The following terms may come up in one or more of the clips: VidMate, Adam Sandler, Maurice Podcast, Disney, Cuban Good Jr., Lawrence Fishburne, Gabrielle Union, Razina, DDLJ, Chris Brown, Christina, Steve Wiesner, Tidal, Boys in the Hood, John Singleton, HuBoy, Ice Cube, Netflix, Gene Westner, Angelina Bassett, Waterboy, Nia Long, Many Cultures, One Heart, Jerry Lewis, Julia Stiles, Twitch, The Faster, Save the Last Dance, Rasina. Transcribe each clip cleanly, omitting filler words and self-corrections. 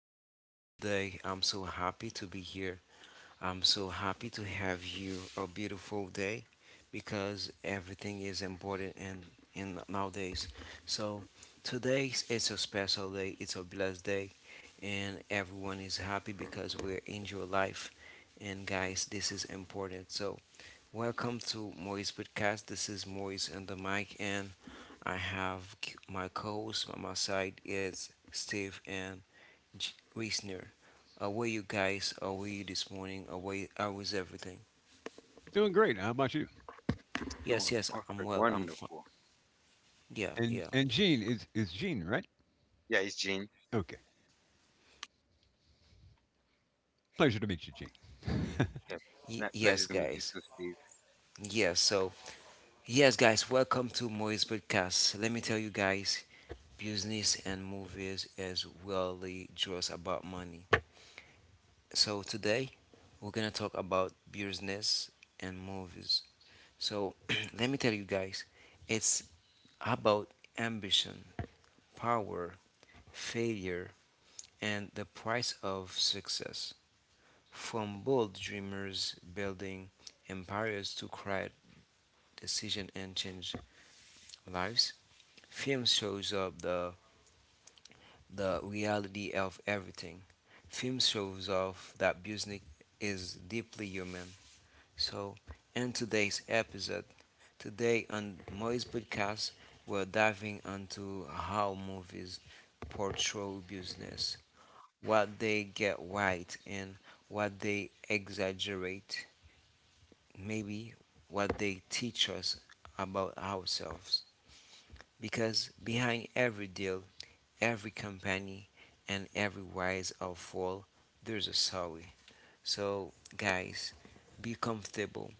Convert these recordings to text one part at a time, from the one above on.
everyone. Today, I'm so happy to be here. I'm so happy to have you a beautiful day because everything is important in nowadays. So, today it's a special day, it's a blessed day, and everyone is happy because we're in your life. And, guys, this is important. So, welcome to Maurice Podcast. This is Maurice on the mic, and I have my co-host on my side is Steve and J- Wiesner. How are you guys? How are you this morning? How is everything? Doing great. How about you? Yes, yes, Doing I'm perfect. well. I'm fine. Wonderful. Yeah, And yeah. and Gene is Gene, right? Yeah, it's Gene. Okay. Pleasure to meet you, Gene. Yeah, Not Yes, pleasure to meet guys. you too, Steve. Yes, so yes, guys. Welcome to Maurice Podcast. Let me tell you guys, business and movies is really just about money. So today we're gonna talk about business and movies. So let me tell you guys, it's about ambition, power, failure, and the price of success. From bold dreamers building empires to quiet decision and change lives, film shows up the reality of everything. Film shows off that business is deeply human. So in today's episode today on Moy's podcast, we're diving into how movies portray business, what they get right, and what they exaggerate, maybe what they teach us about ourselves. Because behind every deal, every company, and every rise or fall, there's a story. So, guys, be comfortable.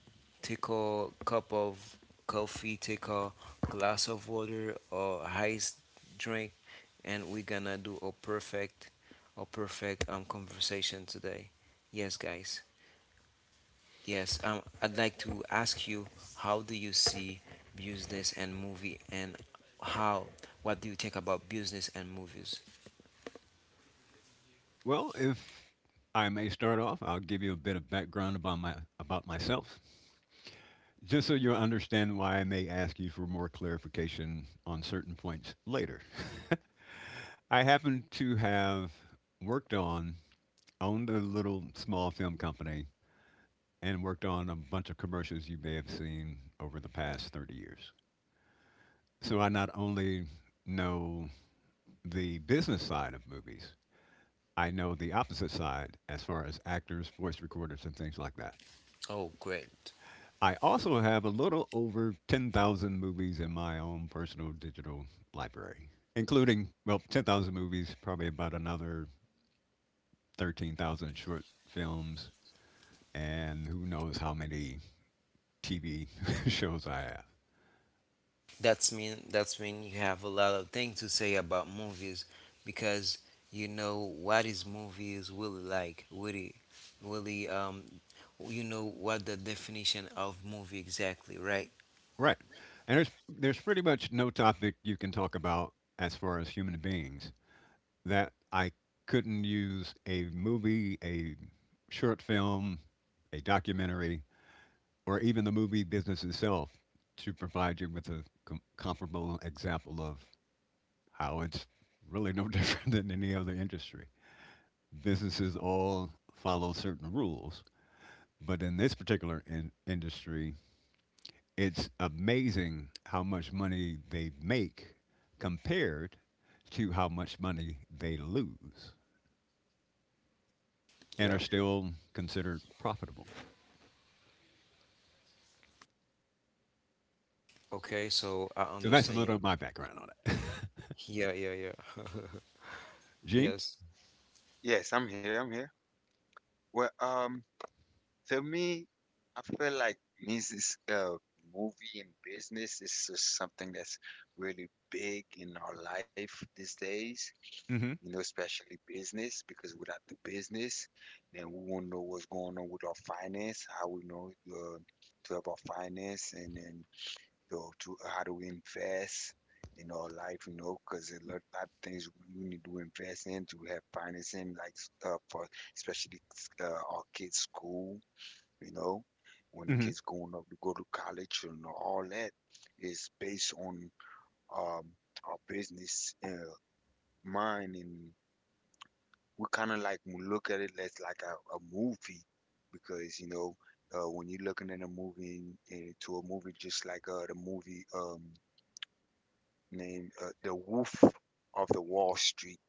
Take a cup of coffee, take a glass of water or ice drink, and we're gonna do a perfect conversation today. Yes, guys. Yes, I'd like to ask you, how do you see business and movie, and how, what do you think about business and movies? Well, if I may start off, I'll give you a bit of background about my about myself, just so you understand why I may ask you for more clarification on certain points later. I happen to have worked on owned a little small film company and worked on a bunch of commercials you may have seen over the past 30 years. So I not only know the business side of movies, I know the opposite side as far as actors, voice recorders, and things like that. Oh, great. I also have a little over 10,000 movies in my own personal digital library, including, well, 10,000 movies, probably about another 13,000 short films, and who knows how many TV shows I have. That's when you have a lot of things to say about movies because you know what is movies really like, really really you know what the definition of movie exactly, right? Right. And there's pretty much no topic you can talk about as far as human beings that I couldn't use a movie, a short film, a documentary, or even the movie business itself to provide you with a comparable example of how it's really no different than any other industry. Businesses all follow certain rules, but in this particular industry, it's amazing how much money they make compared to how much money they lose, and are Yeah. still considered profitable. Okay, so I So that's a understand you. little of my background on it. Yeah, yeah, yeah. Gene? Yes. Yes, I'm here. I'm here. Well, to me, I feel like music, uh, movie and business is just something that's really big in our life these days. Mm-hmm. You know, especially business, because without the business, then we won't know what's going on with our finance, how we know to have our finance, and then so to how to invest in our life, you know, because a lot of things we need to invest in to have financing, like for especially our kids' school, you know, when Mm-hmm. kids going up to go to college and all that is based on um, our business mind, and we kind of like we look at it as like a movie because you know when you're looking at a movie and to a movie just like the movie named The Wolf of the Wall Street,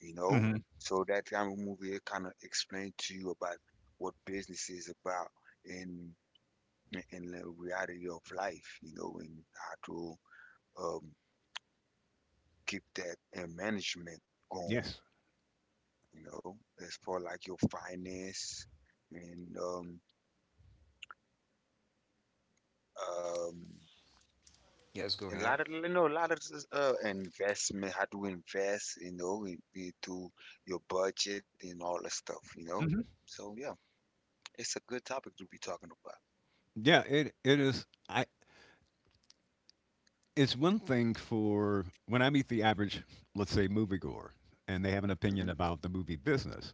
you know? Mm-hmm. So that kind of movie kind of explained to you about what business is about in in the reality of life, you know, and how to um, keep that management going, Yes. you know, as far like your finance and um, Yes, go a ahead. lot of you know a lot of investment how to invest you know into your budget and all that stuff you know, Hmm. so yeah, it's a good topic to be talking about. Yeah, it is. I It's one thing for when I meet the average, let's say, moviegoer, and they have an opinion Hmm. about the movie business.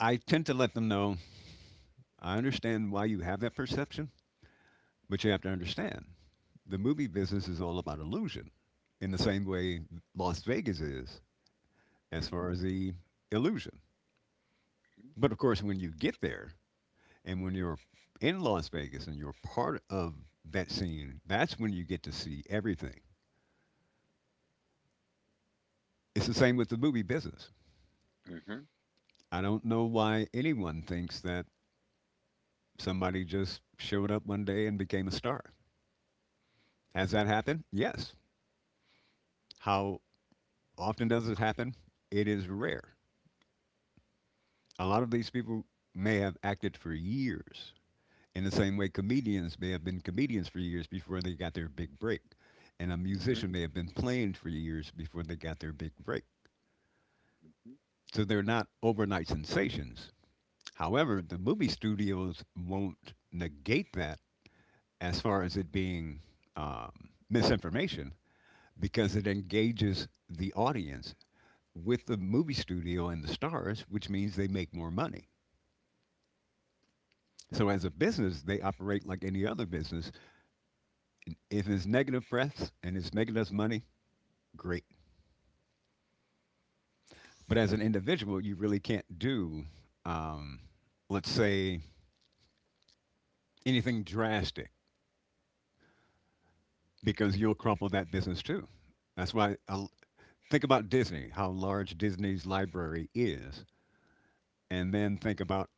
I tend to let them know I understand why you have that perception, but you have to understand the movie business is all about illusion, in the same way Las Vegas is, as far Hmm. as the illusion. Hmm. But of course, when you get there, And when you're in Las Vegas and you're part of that scene, that's when you get to see everything. It's the same with the movie business. Hmm. I don't know why anyone thinks that somebody just showed up one day and became a star. Has that happened? Yes. How often does it happen? It is rare. A lot of these people may have acted for years, in the same way comedians may have been comedians for years before they got their big break. And a Hmm. musician may have been playing for years before they got their big break. Hmm. So they're not overnight sensations. However, the movie studios won't negate that as far as it being um, misinformation, because it engages the audience with the movie studio and the stars, which means they make more money. So, as a business, they operate like any other business. If it's negative press and it's making us money, great. But as an individual, you really can't do, um, let's say, anything drastic, because you'll crumple that business too. That's why I think about Disney, how large Disney's library is, and then think about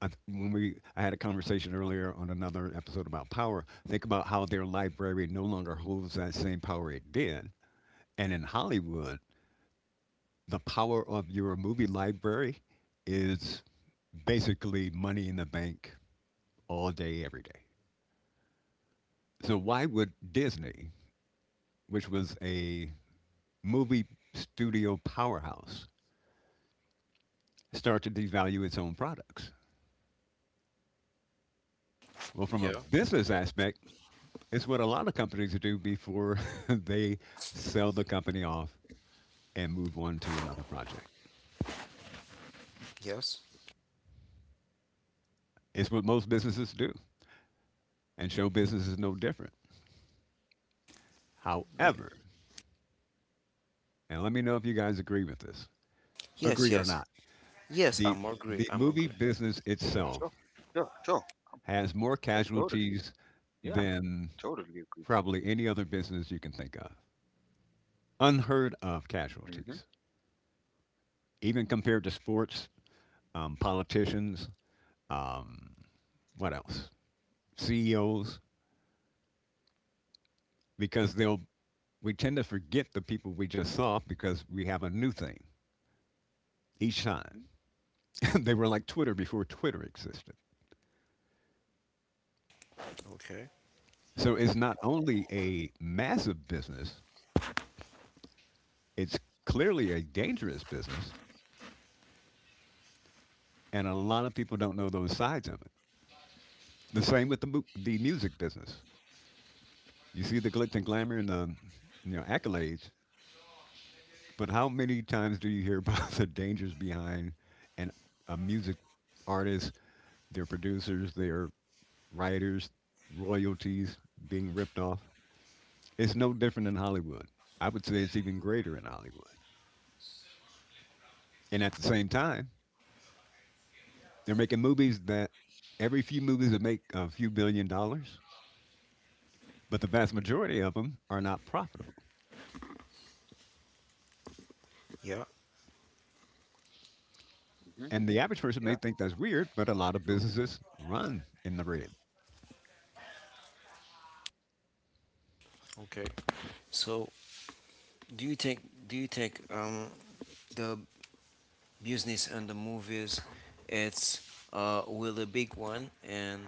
I th- when we I had a conversation earlier on another episode about power. Think about how their library no longer holds that same power it did, and in Hollywood, the power of your movie library is basically money in the bank all day, every day. So why would Disney, which was a movie studio powerhouse, start to devalue its own products? Well, from a Yeah. business aspect, it's what a lot of companies do before they sell the company off and move on to another project. Yes. It's what most businesses do, and show business is no different. Yeah. However, and let me know if you guys agree with this, Yes, agree or yes. not, Yes, the I'm agree. the I'm movie Sure. agree. business Sure, sure. itself Um, yeah, totally. has more Yeah, casualties totally agree. than probably any other business you can think of. Unheard Hmm. of casualties, even compared to sports, politicians, um, what else? CEOs, because they'll we tend to forget the people we just saw because we have a new thing each time. They were like Twitter before Twitter existed. Okay. So it's not only a massive business, it's clearly a dangerous business, and a lot of people don't know those sides of it. The same with the the music business. You see the glitz and glamour and the, you know, accolades, but how many times do you hear about the dangers behind an, a music artist, their producers, their writers, royalties being ripped off? It's no different in Hollywood. I would say it's even greater in Hollywood. And at the same time, they're making movies that, every few movies that make a few billion dollars, but the vast majority of them are not profitable. Yeah. Hmm. Yeah. And the average person may think that's True. weird, but a lot of businesses run in the red. Okay. So, do you think do you think the business and the movies. It's will a big one, and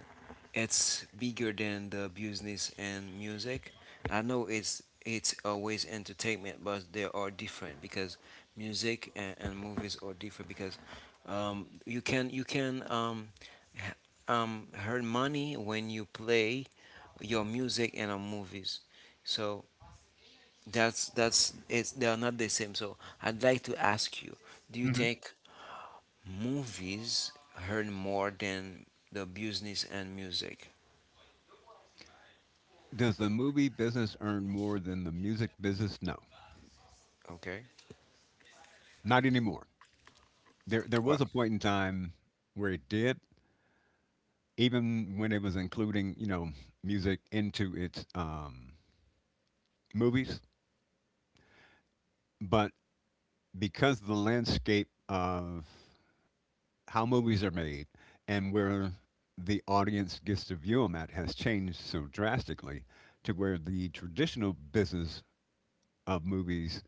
it's bigger than the business and music. I know it's always entertainment, but they are different because music and movies are different because you can h- earn money when you play your music and our movies. So that's it's they are not the same. So I'd like to ask you, do you think movies earn more than the business and music. Does the movie business earn more than the music business? No, Okay. not anymore. There was Well, a point in time where it did, even when it was including, you know, music into its movies. But because of the landscape of how movies are made and where the audience gets to view them at has changed so drastically, to where the traditional business of movies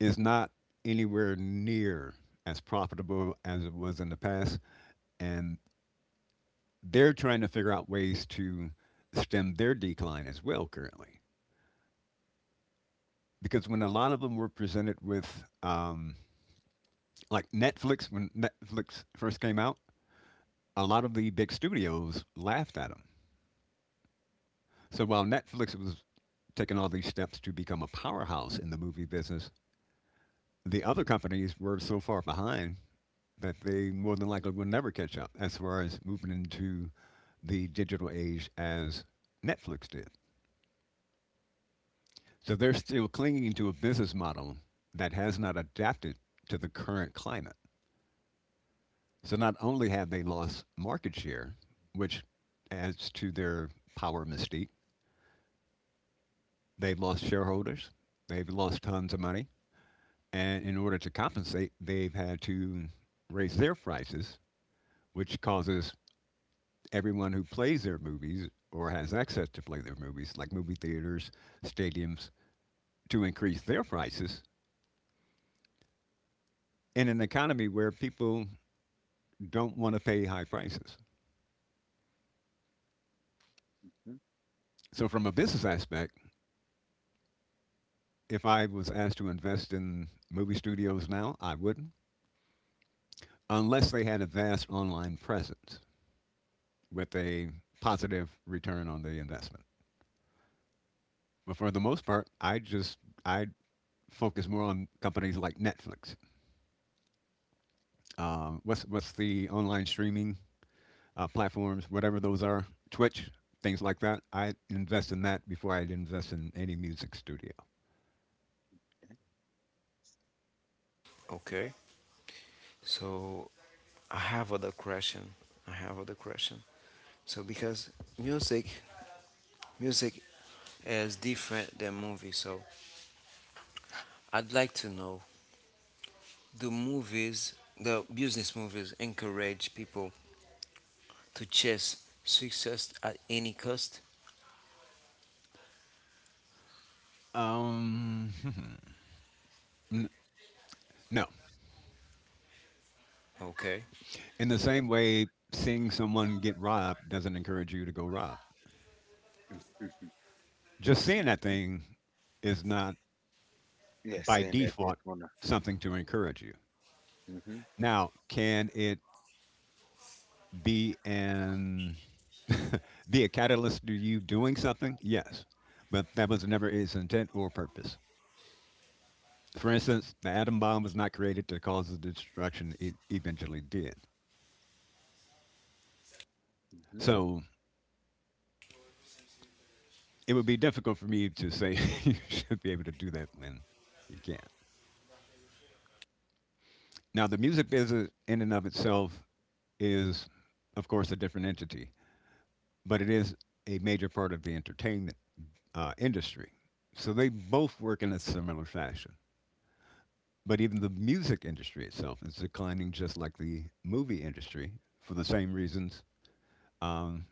is not anywhere near as profitable as it was in the past, and they're trying to figure out ways to stem their decline as well currently. Because when a lot of them were presented with, like Netflix, when Netflix first came out, a lot of the big studios laughed at them. So while Netflix was taking all these steps to become a powerhouse in the movie business, the other companies were so far behind that they more than likely will never catch up as far as moving into the digital age as Netflix did. So they're still clinging to a business model that has not adapted to the current climate. So not only have they lost market share, which adds to their power mystique, they've lost shareholders, they've lost tons of money, and in order to compensate, they've had to raise their prices, which causes everyone who plays their movies or has access to play their movies, like movie theaters, stadiums, to increase their prices in an economy where people don't want to pay high prices. Hmm. So, from a business aspect, if I was asked to invest in movie studios now, I wouldn't, unless they had a vast online presence with a positive return on the investment. But for the most part, I focus more on companies like Netflix. What's the online streaming platforms, whatever those are, Twitch, things like that. I invest in that before I invest in any music studio. okay. So I have other question. I have other question. So because music, music is different than movie. So I'd like to know do movies, the business movies, encourage people to chase success at any cost? Um, no. Okay. In the same way, seeing someone get robbed doesn't encourage you to go rob. Mhm. Just seeing that Mhm. thing is not Yeah, by saying that it's default gonna. something to encourage you. Hmm. Hmm. Now, can it be an be a catalyst to you doing something? Yes, but that was never its intent or purpose. For instance, the atom bomb was not created to cause the destruction it eventually did. 'cause So it would be difficult for me to say you should be able to do that when you can't. Now, the music business in and of itself is, of course, a different entity, but it is a major part of the entertainment industry. So they both work in a similar fashion. But even the music industry itself is declining, just like the movie industry, for the same reasons. um,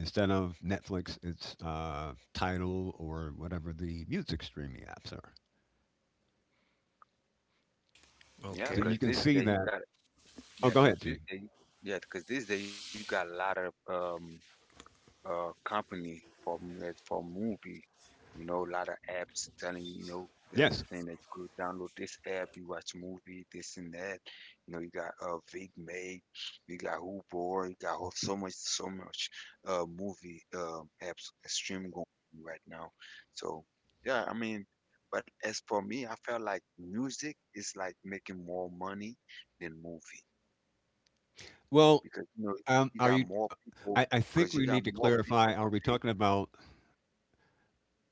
Instead of Netflix, it's Tidal, or whatever the music streaming apps are. So Okay. you can Because see this day that. you got. Oh, go Yeah, ahead, G. because this day, yeah, 'cause this day you got a lot of company for movie. You know, a lot of apps telling you, you know, they Yes. saying that you could download this app, you watch movie, this and that. You know, you got VidMate, you got HuBoy, you got so much, so much movie apps streaming going on right now. So yeah, I mean, but as for me, I felt like music is like making more money than movie Well, because, you know, you are got you? more people, I think because you we got need to more clarify. people Are we today. talking about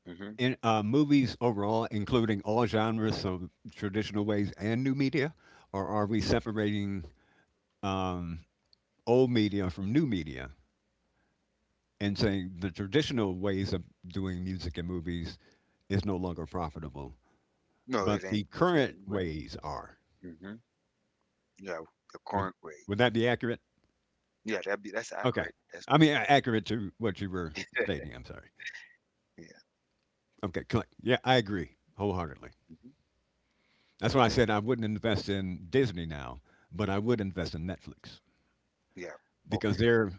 Mhm. Movies overall, including all genres, so traditional ways and new media, or are we separating um, old media from new media, and saying the traditional ways of doing music and movies is no longer profitable, No, it but ain't. the Yeah, current you're right. ways are? Mhm. Yeah, the Would current rate. would that be accurate? Yeah, that's Okay. accurate. That's I mean, accurate. Accurate to what you were stating. I'm sorry. Yeah. Okay. Click. Yeah, I agree wholeheartedly. Mhm. That's why I said Definitely. I wouldn't invest in Disney now, but I would invest in Netflix, Yeah. because Okay, okay. they're,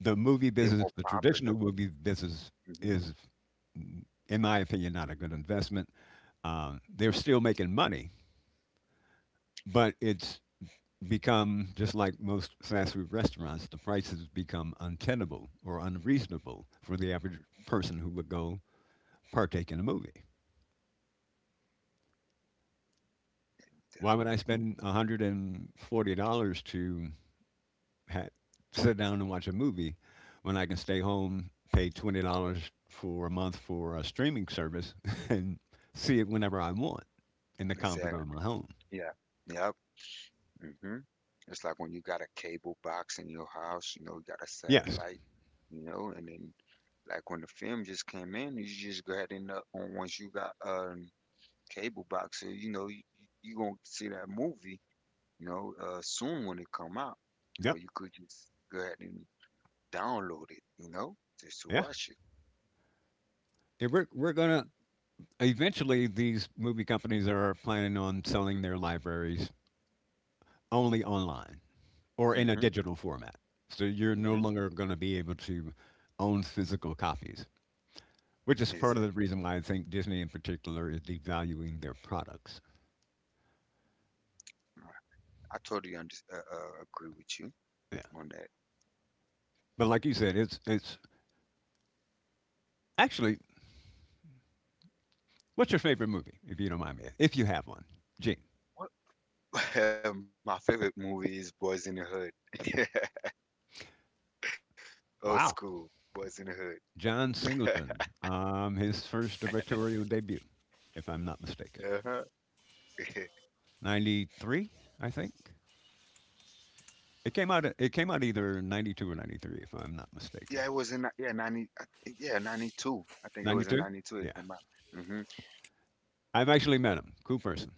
the movie They're business, more the traditional popular. movie business Mhm. is, in my opinion, not a good investment. They're still making money, but it's become just like most fast food restaurants, the prices become untenable or unreasonable for the average person who would go partake in a movie. Why would I Mhm. spend $140 to ha- sit down and watch a movie when I can stay home, pay $20 for a month for a streaming service, and see it whenever I want in the comfort of Exactly. my home? Yeah. Yep. Mhm. It's like when you got a cable box in your house, you know, you got a Yes. satellite, you know, and then like when the film just came in, you just go ahead and on once you got cable box. So, you know, you gonna see that movie, you know, soon when it come out. You know, Yep. you could just go ahead and download it, you know, just to Yeah. watch it. If we're we're gonna Eventually these movie companies are planning on selling their libraries only online or in a Mm-hmm. digital format. So you're no Mm-hmm. longer going to be able to own physical copies, which is part of the Exactly. reason why I think Disney in particular is devaluing their products. I totally agree with you Yeah. on that. But like you said, it's actually, what's your favorite movie, if you don't mind me, if you have one? Gene. What? My favorite movie is Boys in the Hood. Old school Wow. Boys in the Hood. John Singleton. His first directorial debut, if I'm not mistaken. Uh-huh. '93, I think. It came out either '92 or '93, if I'm not mistaken. Yeah, it was in 90 I thi- yeah 92. I think it Ninety was in two? 92. It Yeah. came out. Hmm. I've actually met him. Cool person.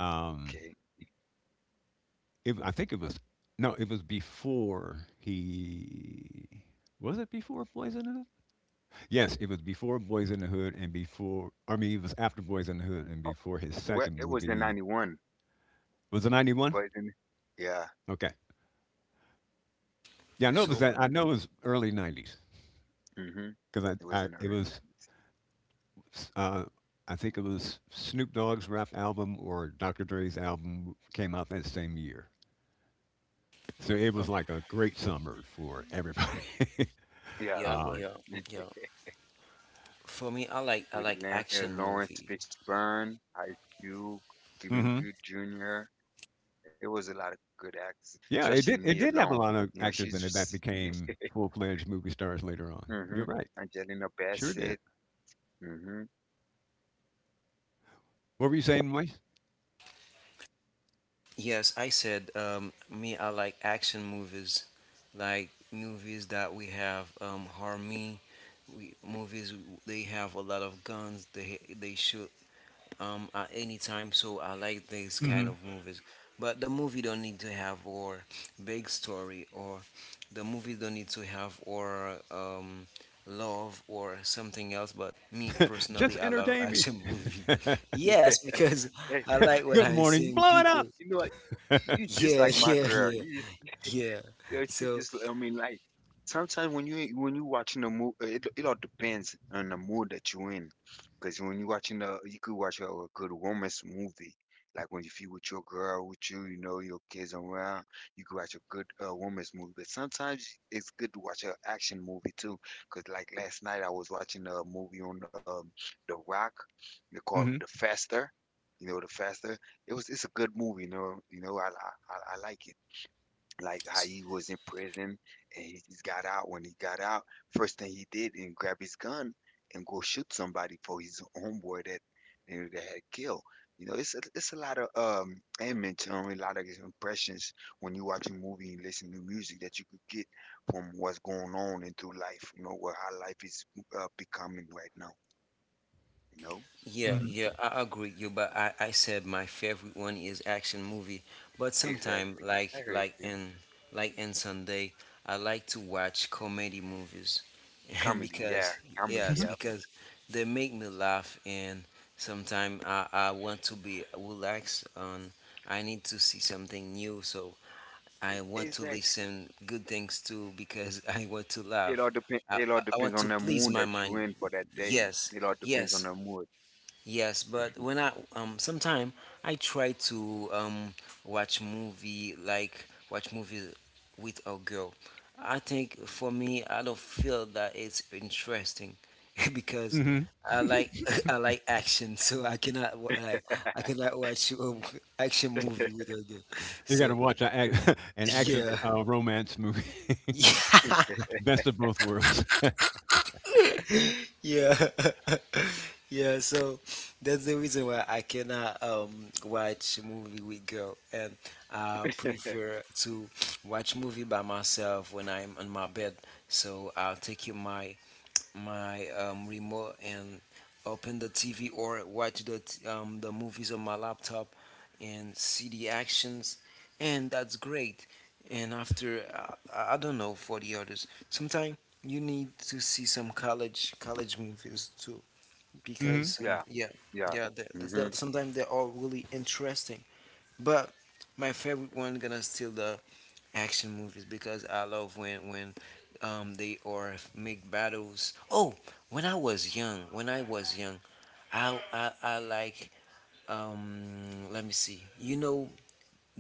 Um, Okay. It, I think it was, no, it was before he, was it before Boys in the Hood? Yes, it was before Boys in the Hood and before, I mean it was after Boys in the Hood and Oh, before his well, second it was in movie. 91. Was it '91? But in, yeah, Okay, yeah, I know it was So that. I 91. know it was early '90s Hmm. because It I, was I in the it early was 90s. uh, I think it was Snoop Dogg's rap album or Dr. Dre's album came out that same year, so it uh, was like a great summer for everybody. Yeah, it was. yeah, um, yeah, yeah. For me, I With like I like action Lawrence movie. Fishburne, Ice Cube, Cuban Good mhm. Jr. It was a lot of good actors, especially Nia Yeah, it did Long. You have know, a lot she's of she, actors in it that became full-fledged movie stars later hmm on. You're right. Angelina Bassett. Sure did. Hmm. What were you saying, Moise? Yes, I said me, I like action movies, like movies that we have harmony. We movies they have a lot of guns. They shoot at any time, so I like these kind of Hmm. movies, but the movie don't need to have or big story, or the movie don't need to have or love or something else, but me Just personally, I love entertain me. action movie. Yes, Hey, because hey, I like when Good I morning. seeing Blow it up. people. you know what? You just Yeah. like my Yeah, girl. yeah, You. yeah. Yeah, she So just, I mean, like sometimes when you watching a movie, it all depends on the mood that you're in. Because when you watching you could watch a good romance movie. Like when you feel with your girl, with you, you know, your kids around, you could watch a good romance movie. But sometimes it's good to watch an action movie too. Because like last night I was watching a movie on The Rock. They called The Hmm. Faster. You know, The Faster. It's a good movie. You know, I like it, like how he was in prison and he just got out. When he got out, first thing he did and grab his gun and go shoot somebody for his homeboy that you know, that had killed. You know, it's a lot of image, a lot of impressions when you watch a movie and listen to music that you could get from what's going on into life. You know, where how life is becoming right now. You know, yeah, Hmm. yeah, I agree with you, but I said my favorite one is action movie. But sometime exactly. I heard you. In Sunday, I like to watch comedy movies, and Comedy, yeah, because comedy, yes, Hmm. yeah. because they make me laugh, and sometime I want to be relaxed. On I need to see something new, so I want to Exactly. listen good things too because I want to It all laugh. depend. It all I depends want on to the please mood my that you mind. in for that day. Yes, It all depends on yes. the mood. Yes, but when I sometime I try to watch movie like watch movie with a girl. I think for me I don't feel that it's interesting because Hmm. I like I like action, so I cannot I cannot watch action movie with a girl. You got to So watch a, ac- an action yeah, romance movie. Best of both worlds. yeah. Yeah, so that's the reason why I cannot watch movie with girl, and I prefer to watch movie by myself when I'm on my bed. So I'll take you my remote and open the TV or watch the movies on my laptop and see the actions, and that's great. And after I don't know for the others, sometimes you need to see some college movies to because Hmm. Yeah, yeah, yeah. yeah, Hmm. Sometimes they're all really interesting. But my favorite one gonna still the action movies because I love when they are make battles. Oh, when I was young, I like let me see, you know,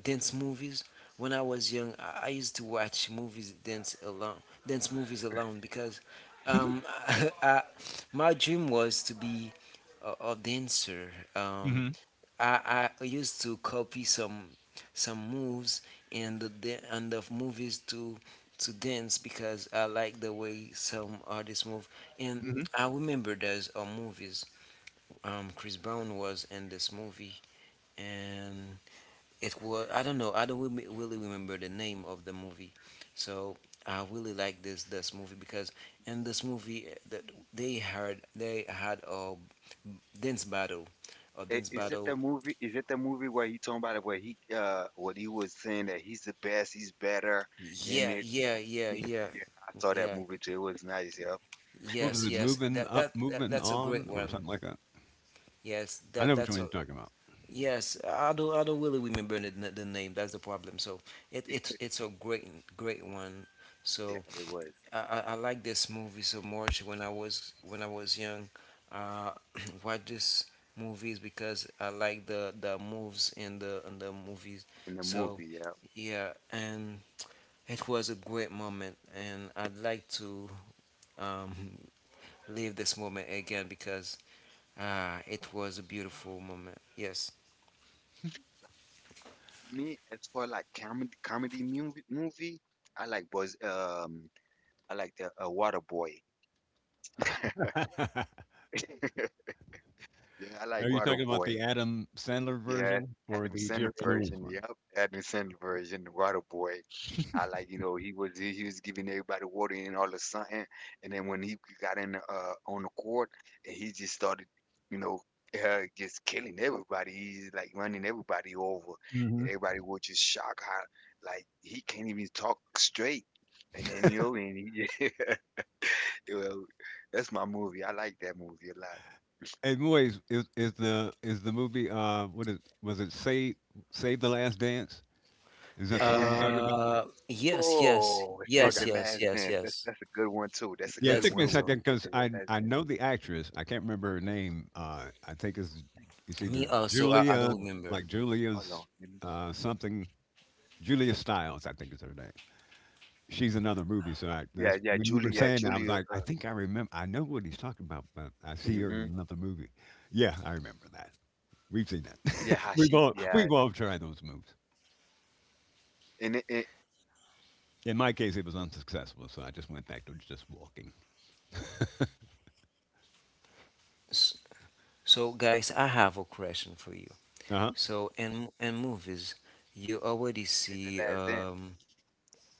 dance movies. When I was young, I used to watch movies dance alone, dance movies alone because Hmm. um, I, my dream was to be a dancer. Hmm. I used to copy some moves and and the movies to dance because I like the way some artists move. And Hmm. I remember there's movies. Chris Brown was in this movie, and it was I don't know I don't really remember the name of the movie, so I really like this movie because in this movie that they had a dance battle, a dance Is it battle. the movie? Is it the movie where he talking about it? Where he, what he was saying that he's the best, he's better, and Yeah, it. yeah, yeah, yeah, Yeah, I saw that yeah. movie too. It was nice. Yeah, What was Yes, it? yes. Moving That up, that, that moving that's a great on, or one. something like that. Yes, I that know which that's one a you're talking about. yes. I don't really remember the name. That's the problem. So it's a great great one. yeah, So it was I like this movie so much when I was young. Uh, watch this movies because I like the moves in the movies. in the So movie. Yeah. yeah, and it was a great moment, and I'd like to um, live this moment again because ah, it was a beautiful moment. Yes. Me, as for like comedy, comedy movie, movie, I like was um, I like the Waterboy. Yeah, I like Are you talking about Waterboy. the Adam Sandler Yeah, version or Adam the Jerry Sandler Lewis version. Yep, Adam Sandler version, the Water Boy. I like, you know, he was giving everybody water and all of a and then when he got in on the court, and he just started, you know, just killing everybody. He's like running everybody over, and one? everybody was just shocked how like he can't even talk straight. And then you know, and he, well, that's my movie. I like that movie a lot. Hey, Moise, is the movie, what is was it Save, Save the Last Dance? Is that the one you're Yeah, talking about? Yes, yes, oh, save the Okay. yes, yes, last yes, dance. That's yes. that's a good one too. That's a Yeah, it good That's a took me a one good one. second too. because Save the I last I dance. know the actress. I can't remember her name. I think it's Me either also, I Julia, don't remember. like Hold Julia's on. Let me. Something, Julia Stiles, I think is her name. She's another movie, so Yeah, that's yeah, when you were Julia, yeah, saying that, I was Julia. like, I think I remember. I know what he's talking about, but I see her in hmm, another movie. Yeah, I remember that. We've seen yeah, that. how she, we've all yeah, we've all tried those moves. and it In my case, it was unsuccessful, so I just went back to just walking. So, guys, I have a question for you. Uh huh. So, in movies, you already save the see. last dance.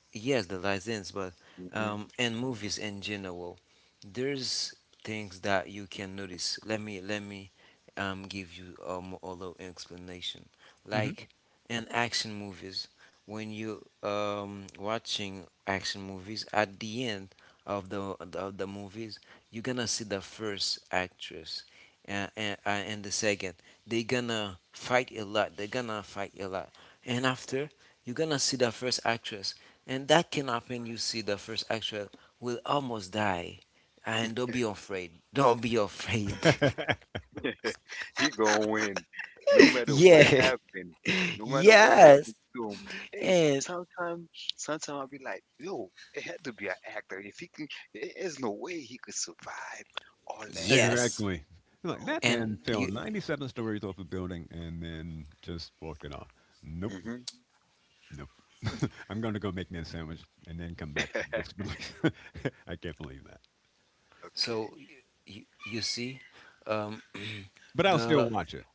Yes, the license, but Hmm. In movies in general, there's things that you can notice. Let me give you a little explanation. Hmm. Like in action movies, when you watching action movies, at the end of the of the movies, you're gonna see the first actress. And the second, they gonna fight a lot. They're gonna fight a lot. And after, you're gonna see the first actress and that can happen. You see, the first actual will almost die, and don't be afraid. Don't be afraid. He gonna win, no matter what yeah, happened. No matter what yes, happened to him. Hey, and sometimes, sometimes I'll be like, yo, it had to be an actor. If he can, there is no way he could survive all that heat. yes, Exactly. Like No. that and man fell you. 97 stories off a building and then just walked it off. Nope, Hmm. nope. I'm going to go make me a sandwich and then come back with disbelief. I can't believe that. Okay. So you, you see, um, But I'll the still watch it.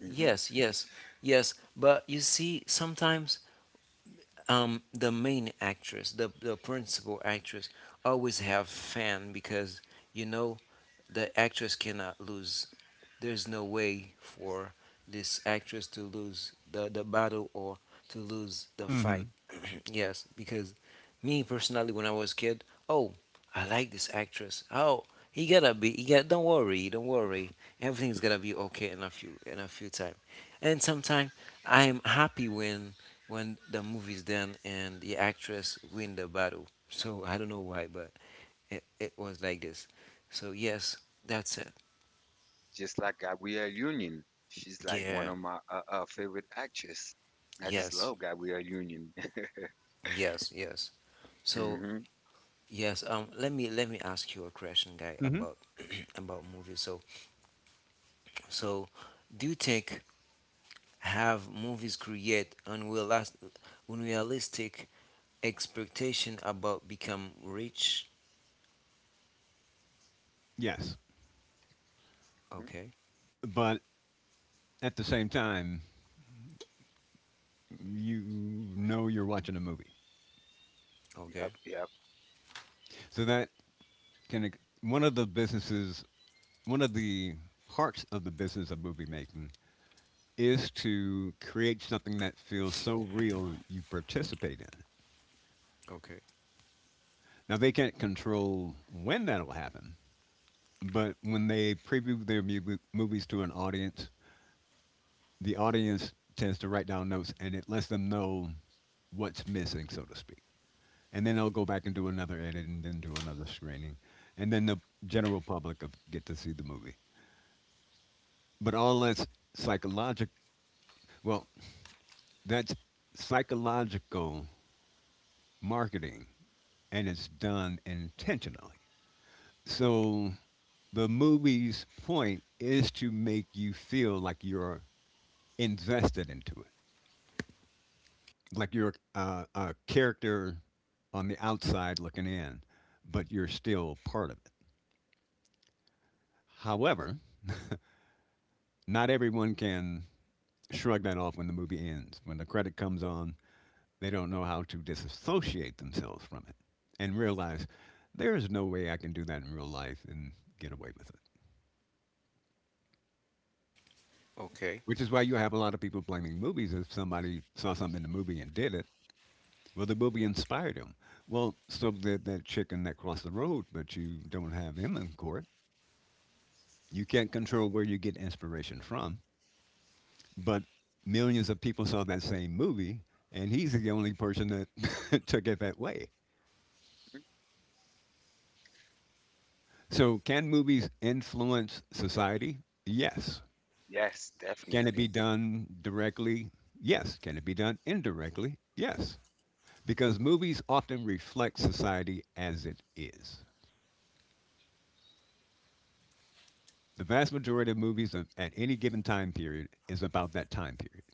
Hmm. yes, yes, yes. But you see, sometimes the main actress, the principal actress, always have fan because you know the actress cannot lose. There's no way for this actress to lose the battle or to lose the fight. Hmm. Yes, because me personally, when I was kid, oh, I like this actress. Oh, he gotta be. He got. Don't worry. Don't worry. Everything's gonna be okay in a few time. And sometimes I'm happy when the movie's done and the actress win the battle. So I don't know why, but it was like this. So yes, that's it. Just like Gabrielle Union. She's like one Yeah, of my favorite actress. I just yes, love Gabrielle Union. yes, yes. So Hmm. yes, um, let me ask you a question, guy, Hmm. about about movies. So so, do you think have movies create unrealistic expectation about become rich? Yes. Okay, But at the same time, you know you're watching a movie. okay, Yep, yep. So that can, ex- one of the businesses, one of the parts of the business of movie making is to create something that feels so real you participate in. okay, Now, they can't control when that'll happen, but when they preview their mu- movies to an audience, the audience tends to write down notes and it lets them know what's missing, so to speak. And then they'll go back and do another edit and then do another screening. And then the general public of- get to see the movie. But all that's psychological, well, that's psychological marketing and it's done intentionally. So the movie's point is to make you feel like you're invested into it, like you're a character on the outside looking in, but you're still part of it. However, not everyone can shrug that off when the movie ends. When the credit comes on, they don't know how to disassociate themselves from it and realize there is no way I can do that in real life and get away with it. okay. Which is why you have a lot of people blaming movies. If somebody saw something in the movie and did it, well, the movie inspired him. Well, so did that chicken that crossed the road, but you don't have him in court. You can't control where you get inspiration from. But millions of people saw that same movie, and he's the only person that took it that way. Mhm. So, can movies influence society? Yes. Yes, Can it be definitely. done directly? Yes. Can it be done indirectly? Yes, because movies often reflect society as it is. The vast majority of movies of- at any given time period is about that time period,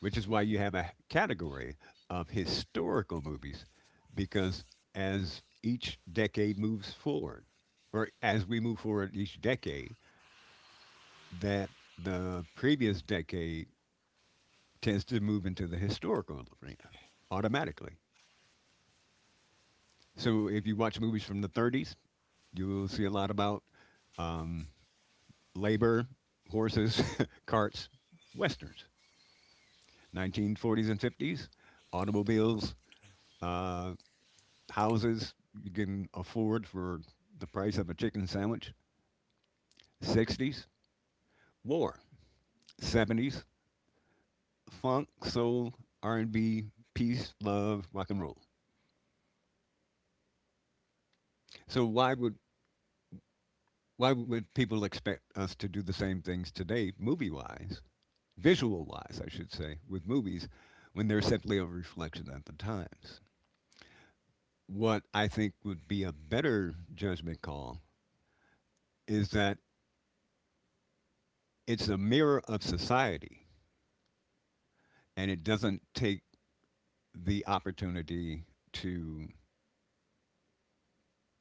which is why Hmm. you have a category of historical movies because as each decade moves forward, or as we move forward each decade, that the previous decade tends to move into the historical arena automatically. So if you watch movies from the 30s, you will see a lot about um, labor, horses, carts, westerns. 1940s and 50s, automobiles, uh, houses you can afford for the price of a chicken sandwich. 60s, war. 70s, funk, soul, R&B, peace, love, rock and roll. So why would, why would people expect us to do the same things today, movie-wise, visual-wise, I should say, with movies, when they're simply a reflection of the times? What I think would be a better judgment call is that it's a mirror of society and it doesn't take the opportunity to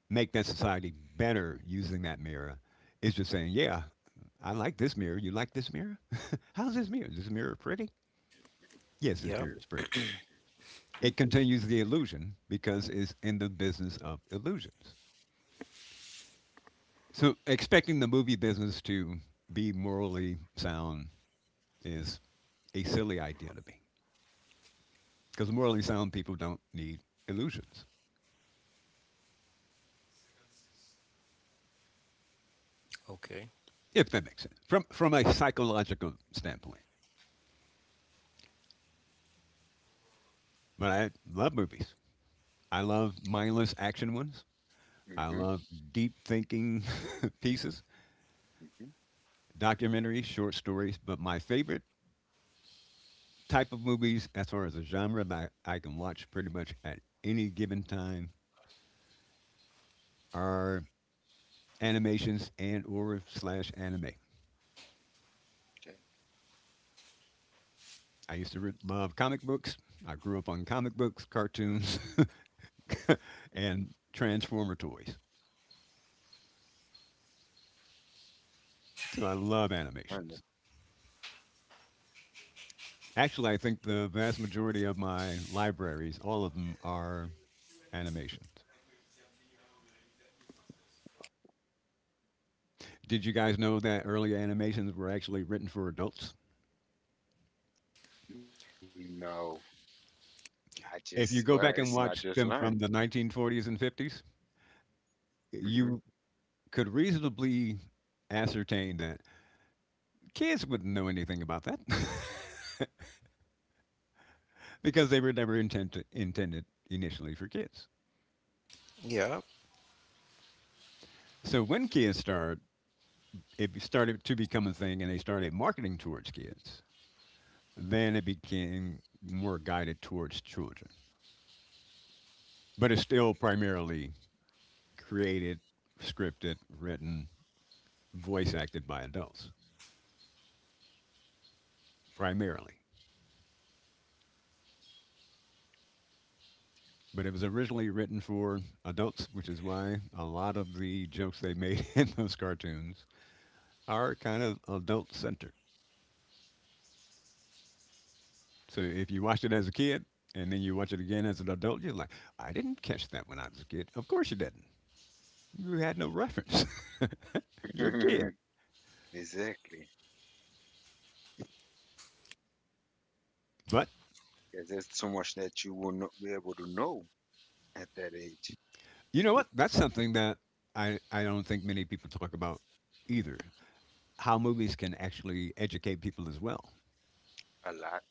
make that society better using that mirror. It's just saying, yeah, I like this mirror. You like this mirror? How's this mirror? Is this mirror pretty? Yeah. Yes, this mirror is pretty. It continues the illusion because it's in the business of illusions. So expecting the movie business to be morally sound is a silly idea to me because morally sound people don't need illusions, Okay. if that makes sense, from a psychological standpoint. But I love movies. I love mindless action ones. Hmm. I Hmm. love deep thinking pieces, documentaries, short stories. But my favorite type of movies, as far as a genre that I can watch pretty much at any given time, are animations and or slash anime. Okay. I used to love comic books. I grew up on comic books, cartoons, and Transformer toys. So I love Wonder- animations. Actually, I think the vast majority of my libraries, all of them, are animations. Did you guys know that early animations were actually written for adults? No, I just, well, If it's you go something I back and just watch learned. them from the 1940s and 50s, Hmm. you could reasonably ascertain that kids wouldn't know anything about that. Because they were never intended initially for kids. Yeah. So when kids start, it started to become a thing, and they started marketing towards kids. Then it became more guided towards children, but it's still primarily created, scripted, written, voice acted by adults primarily. But it was originally written for adults, which is why a lot of the jokes they made in those cartoons are kind of adult centered. So if you watched it as a kid and then you watch it again as an adult, you're like, I didn't catch that when I was a kid. Of course you didn't. You had no reference. you're a kid. Exactly. But 'Cause there's so much that you will not be able to know at that age. you know what? That's something that I don't think many people talk about either. How movies can actually educate people as well. A lot,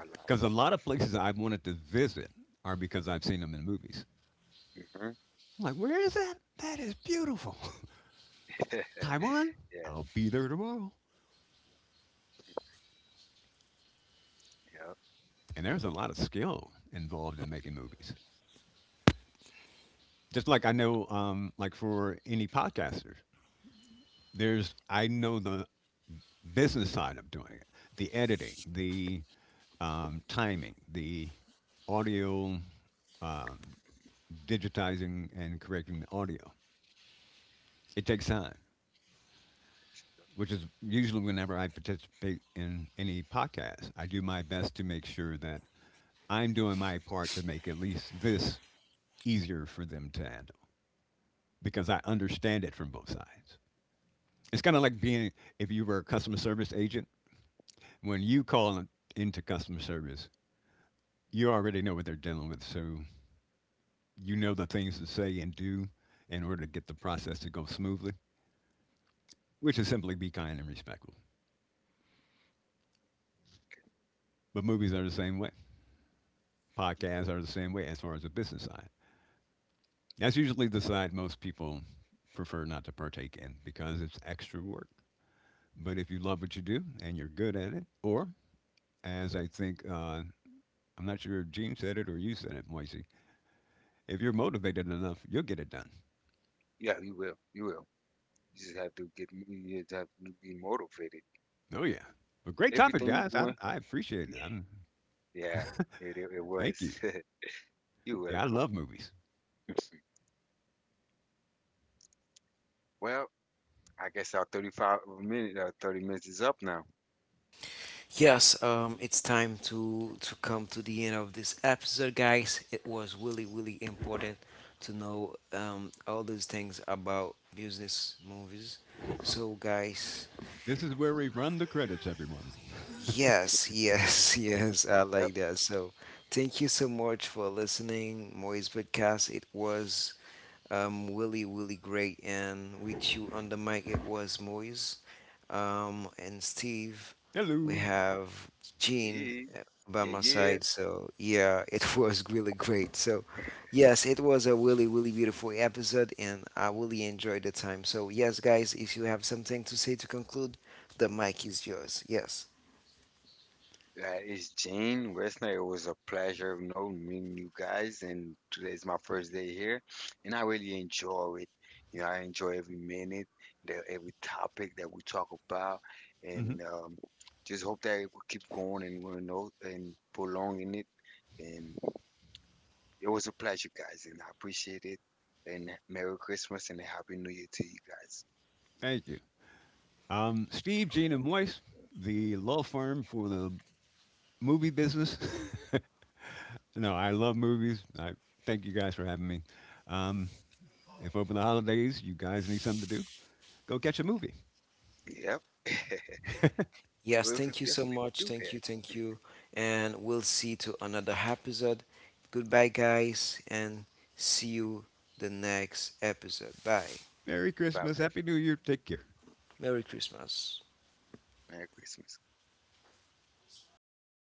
a lot. Because a lot of places I've wanted to visit are because I've seen them in movies. Hmm. I'm like, where is that? That is beautiful. Yeah, Taiwan? I'll be there tomorrow. yeah. And there's a lot of skill involved in making movies. Just like I know, like for any podcasters, there's I know the business side of doing it, the editing, the timing, the audio, um, digitizing and correcting the audio. It takes time, which is usually whenever I participate in any podcast, I do my best to make sure that I'm doing my part to make at least this easier for them to handle because I understand it from both sides. It's kind of like being, if you were a customer service agent, when you call into customer service, you already know what they're dealing with, so you know the things to say and do in order to get the process to go smoothly, which is simply be kind and respectful. But movies are the same way. Podcasts are the same way as far as the business side. That's usually the side most people prefer not to partake in because it's extra work. But if you love what you do and you're good at it, or as I think, I'm not sure if Gene said it or you said it, Moisey, if you're motivated enough, you'll get it done. Yeah, you will. You will. You just have to be motivated. Oh yeah. But great topic, Everything you're guys. I doing, I appreciate it. Yeah, it was. Thank you. You're Yeah, I welcome. love movies. Well, I guess our 35 minute, 30 minutes is up now. Yes, it's time to come to the end of this episode, guys. It was really, really important to know all these things about business movies. So, guys, This is where we run the credits, everyone. yes, yes, yes, I Yep. like that. So, thank you so much for listening, Moise Podcast. It was really, really great. And with you on the mic, it was Moise and Steve. We Hello. have Gene Yeah, uh, by my yeah. side. So, yeah, it was really great. So, yes, it was a really, really beautiful episode, and I really enjoyed the time. So, yes, guys, if you have something to say to conclude, the mic is yours. Yes. That is Gene Westner. It was a pleasure of knowing meeting you guys, and today is my first day here, and I really enjoy it. You know, I enjoy every minute, every topic that we talk about, Hmm. and just hope that it will keep going and we know and prolonging it. And it was a pleasure, guys, and I appreciate it. And Merry Christmas and a Happy New Year to you guys. Thank you. Steve, Gene, and Moise, the law firm for the movie business. No, I love movies. I thank you guys for having me. Um, if over the holidays you guys need something to do, go catch a movie. Yep. Yes, We'll thank you so definitely much. do Thank that. you, thank you. And we'll see to another episode. Goodbye, guys, and see you the next episode. Bye. Merry Bye Christmas, bye. Happy New Year. Take care. Merry Christmas. Merry Christmas.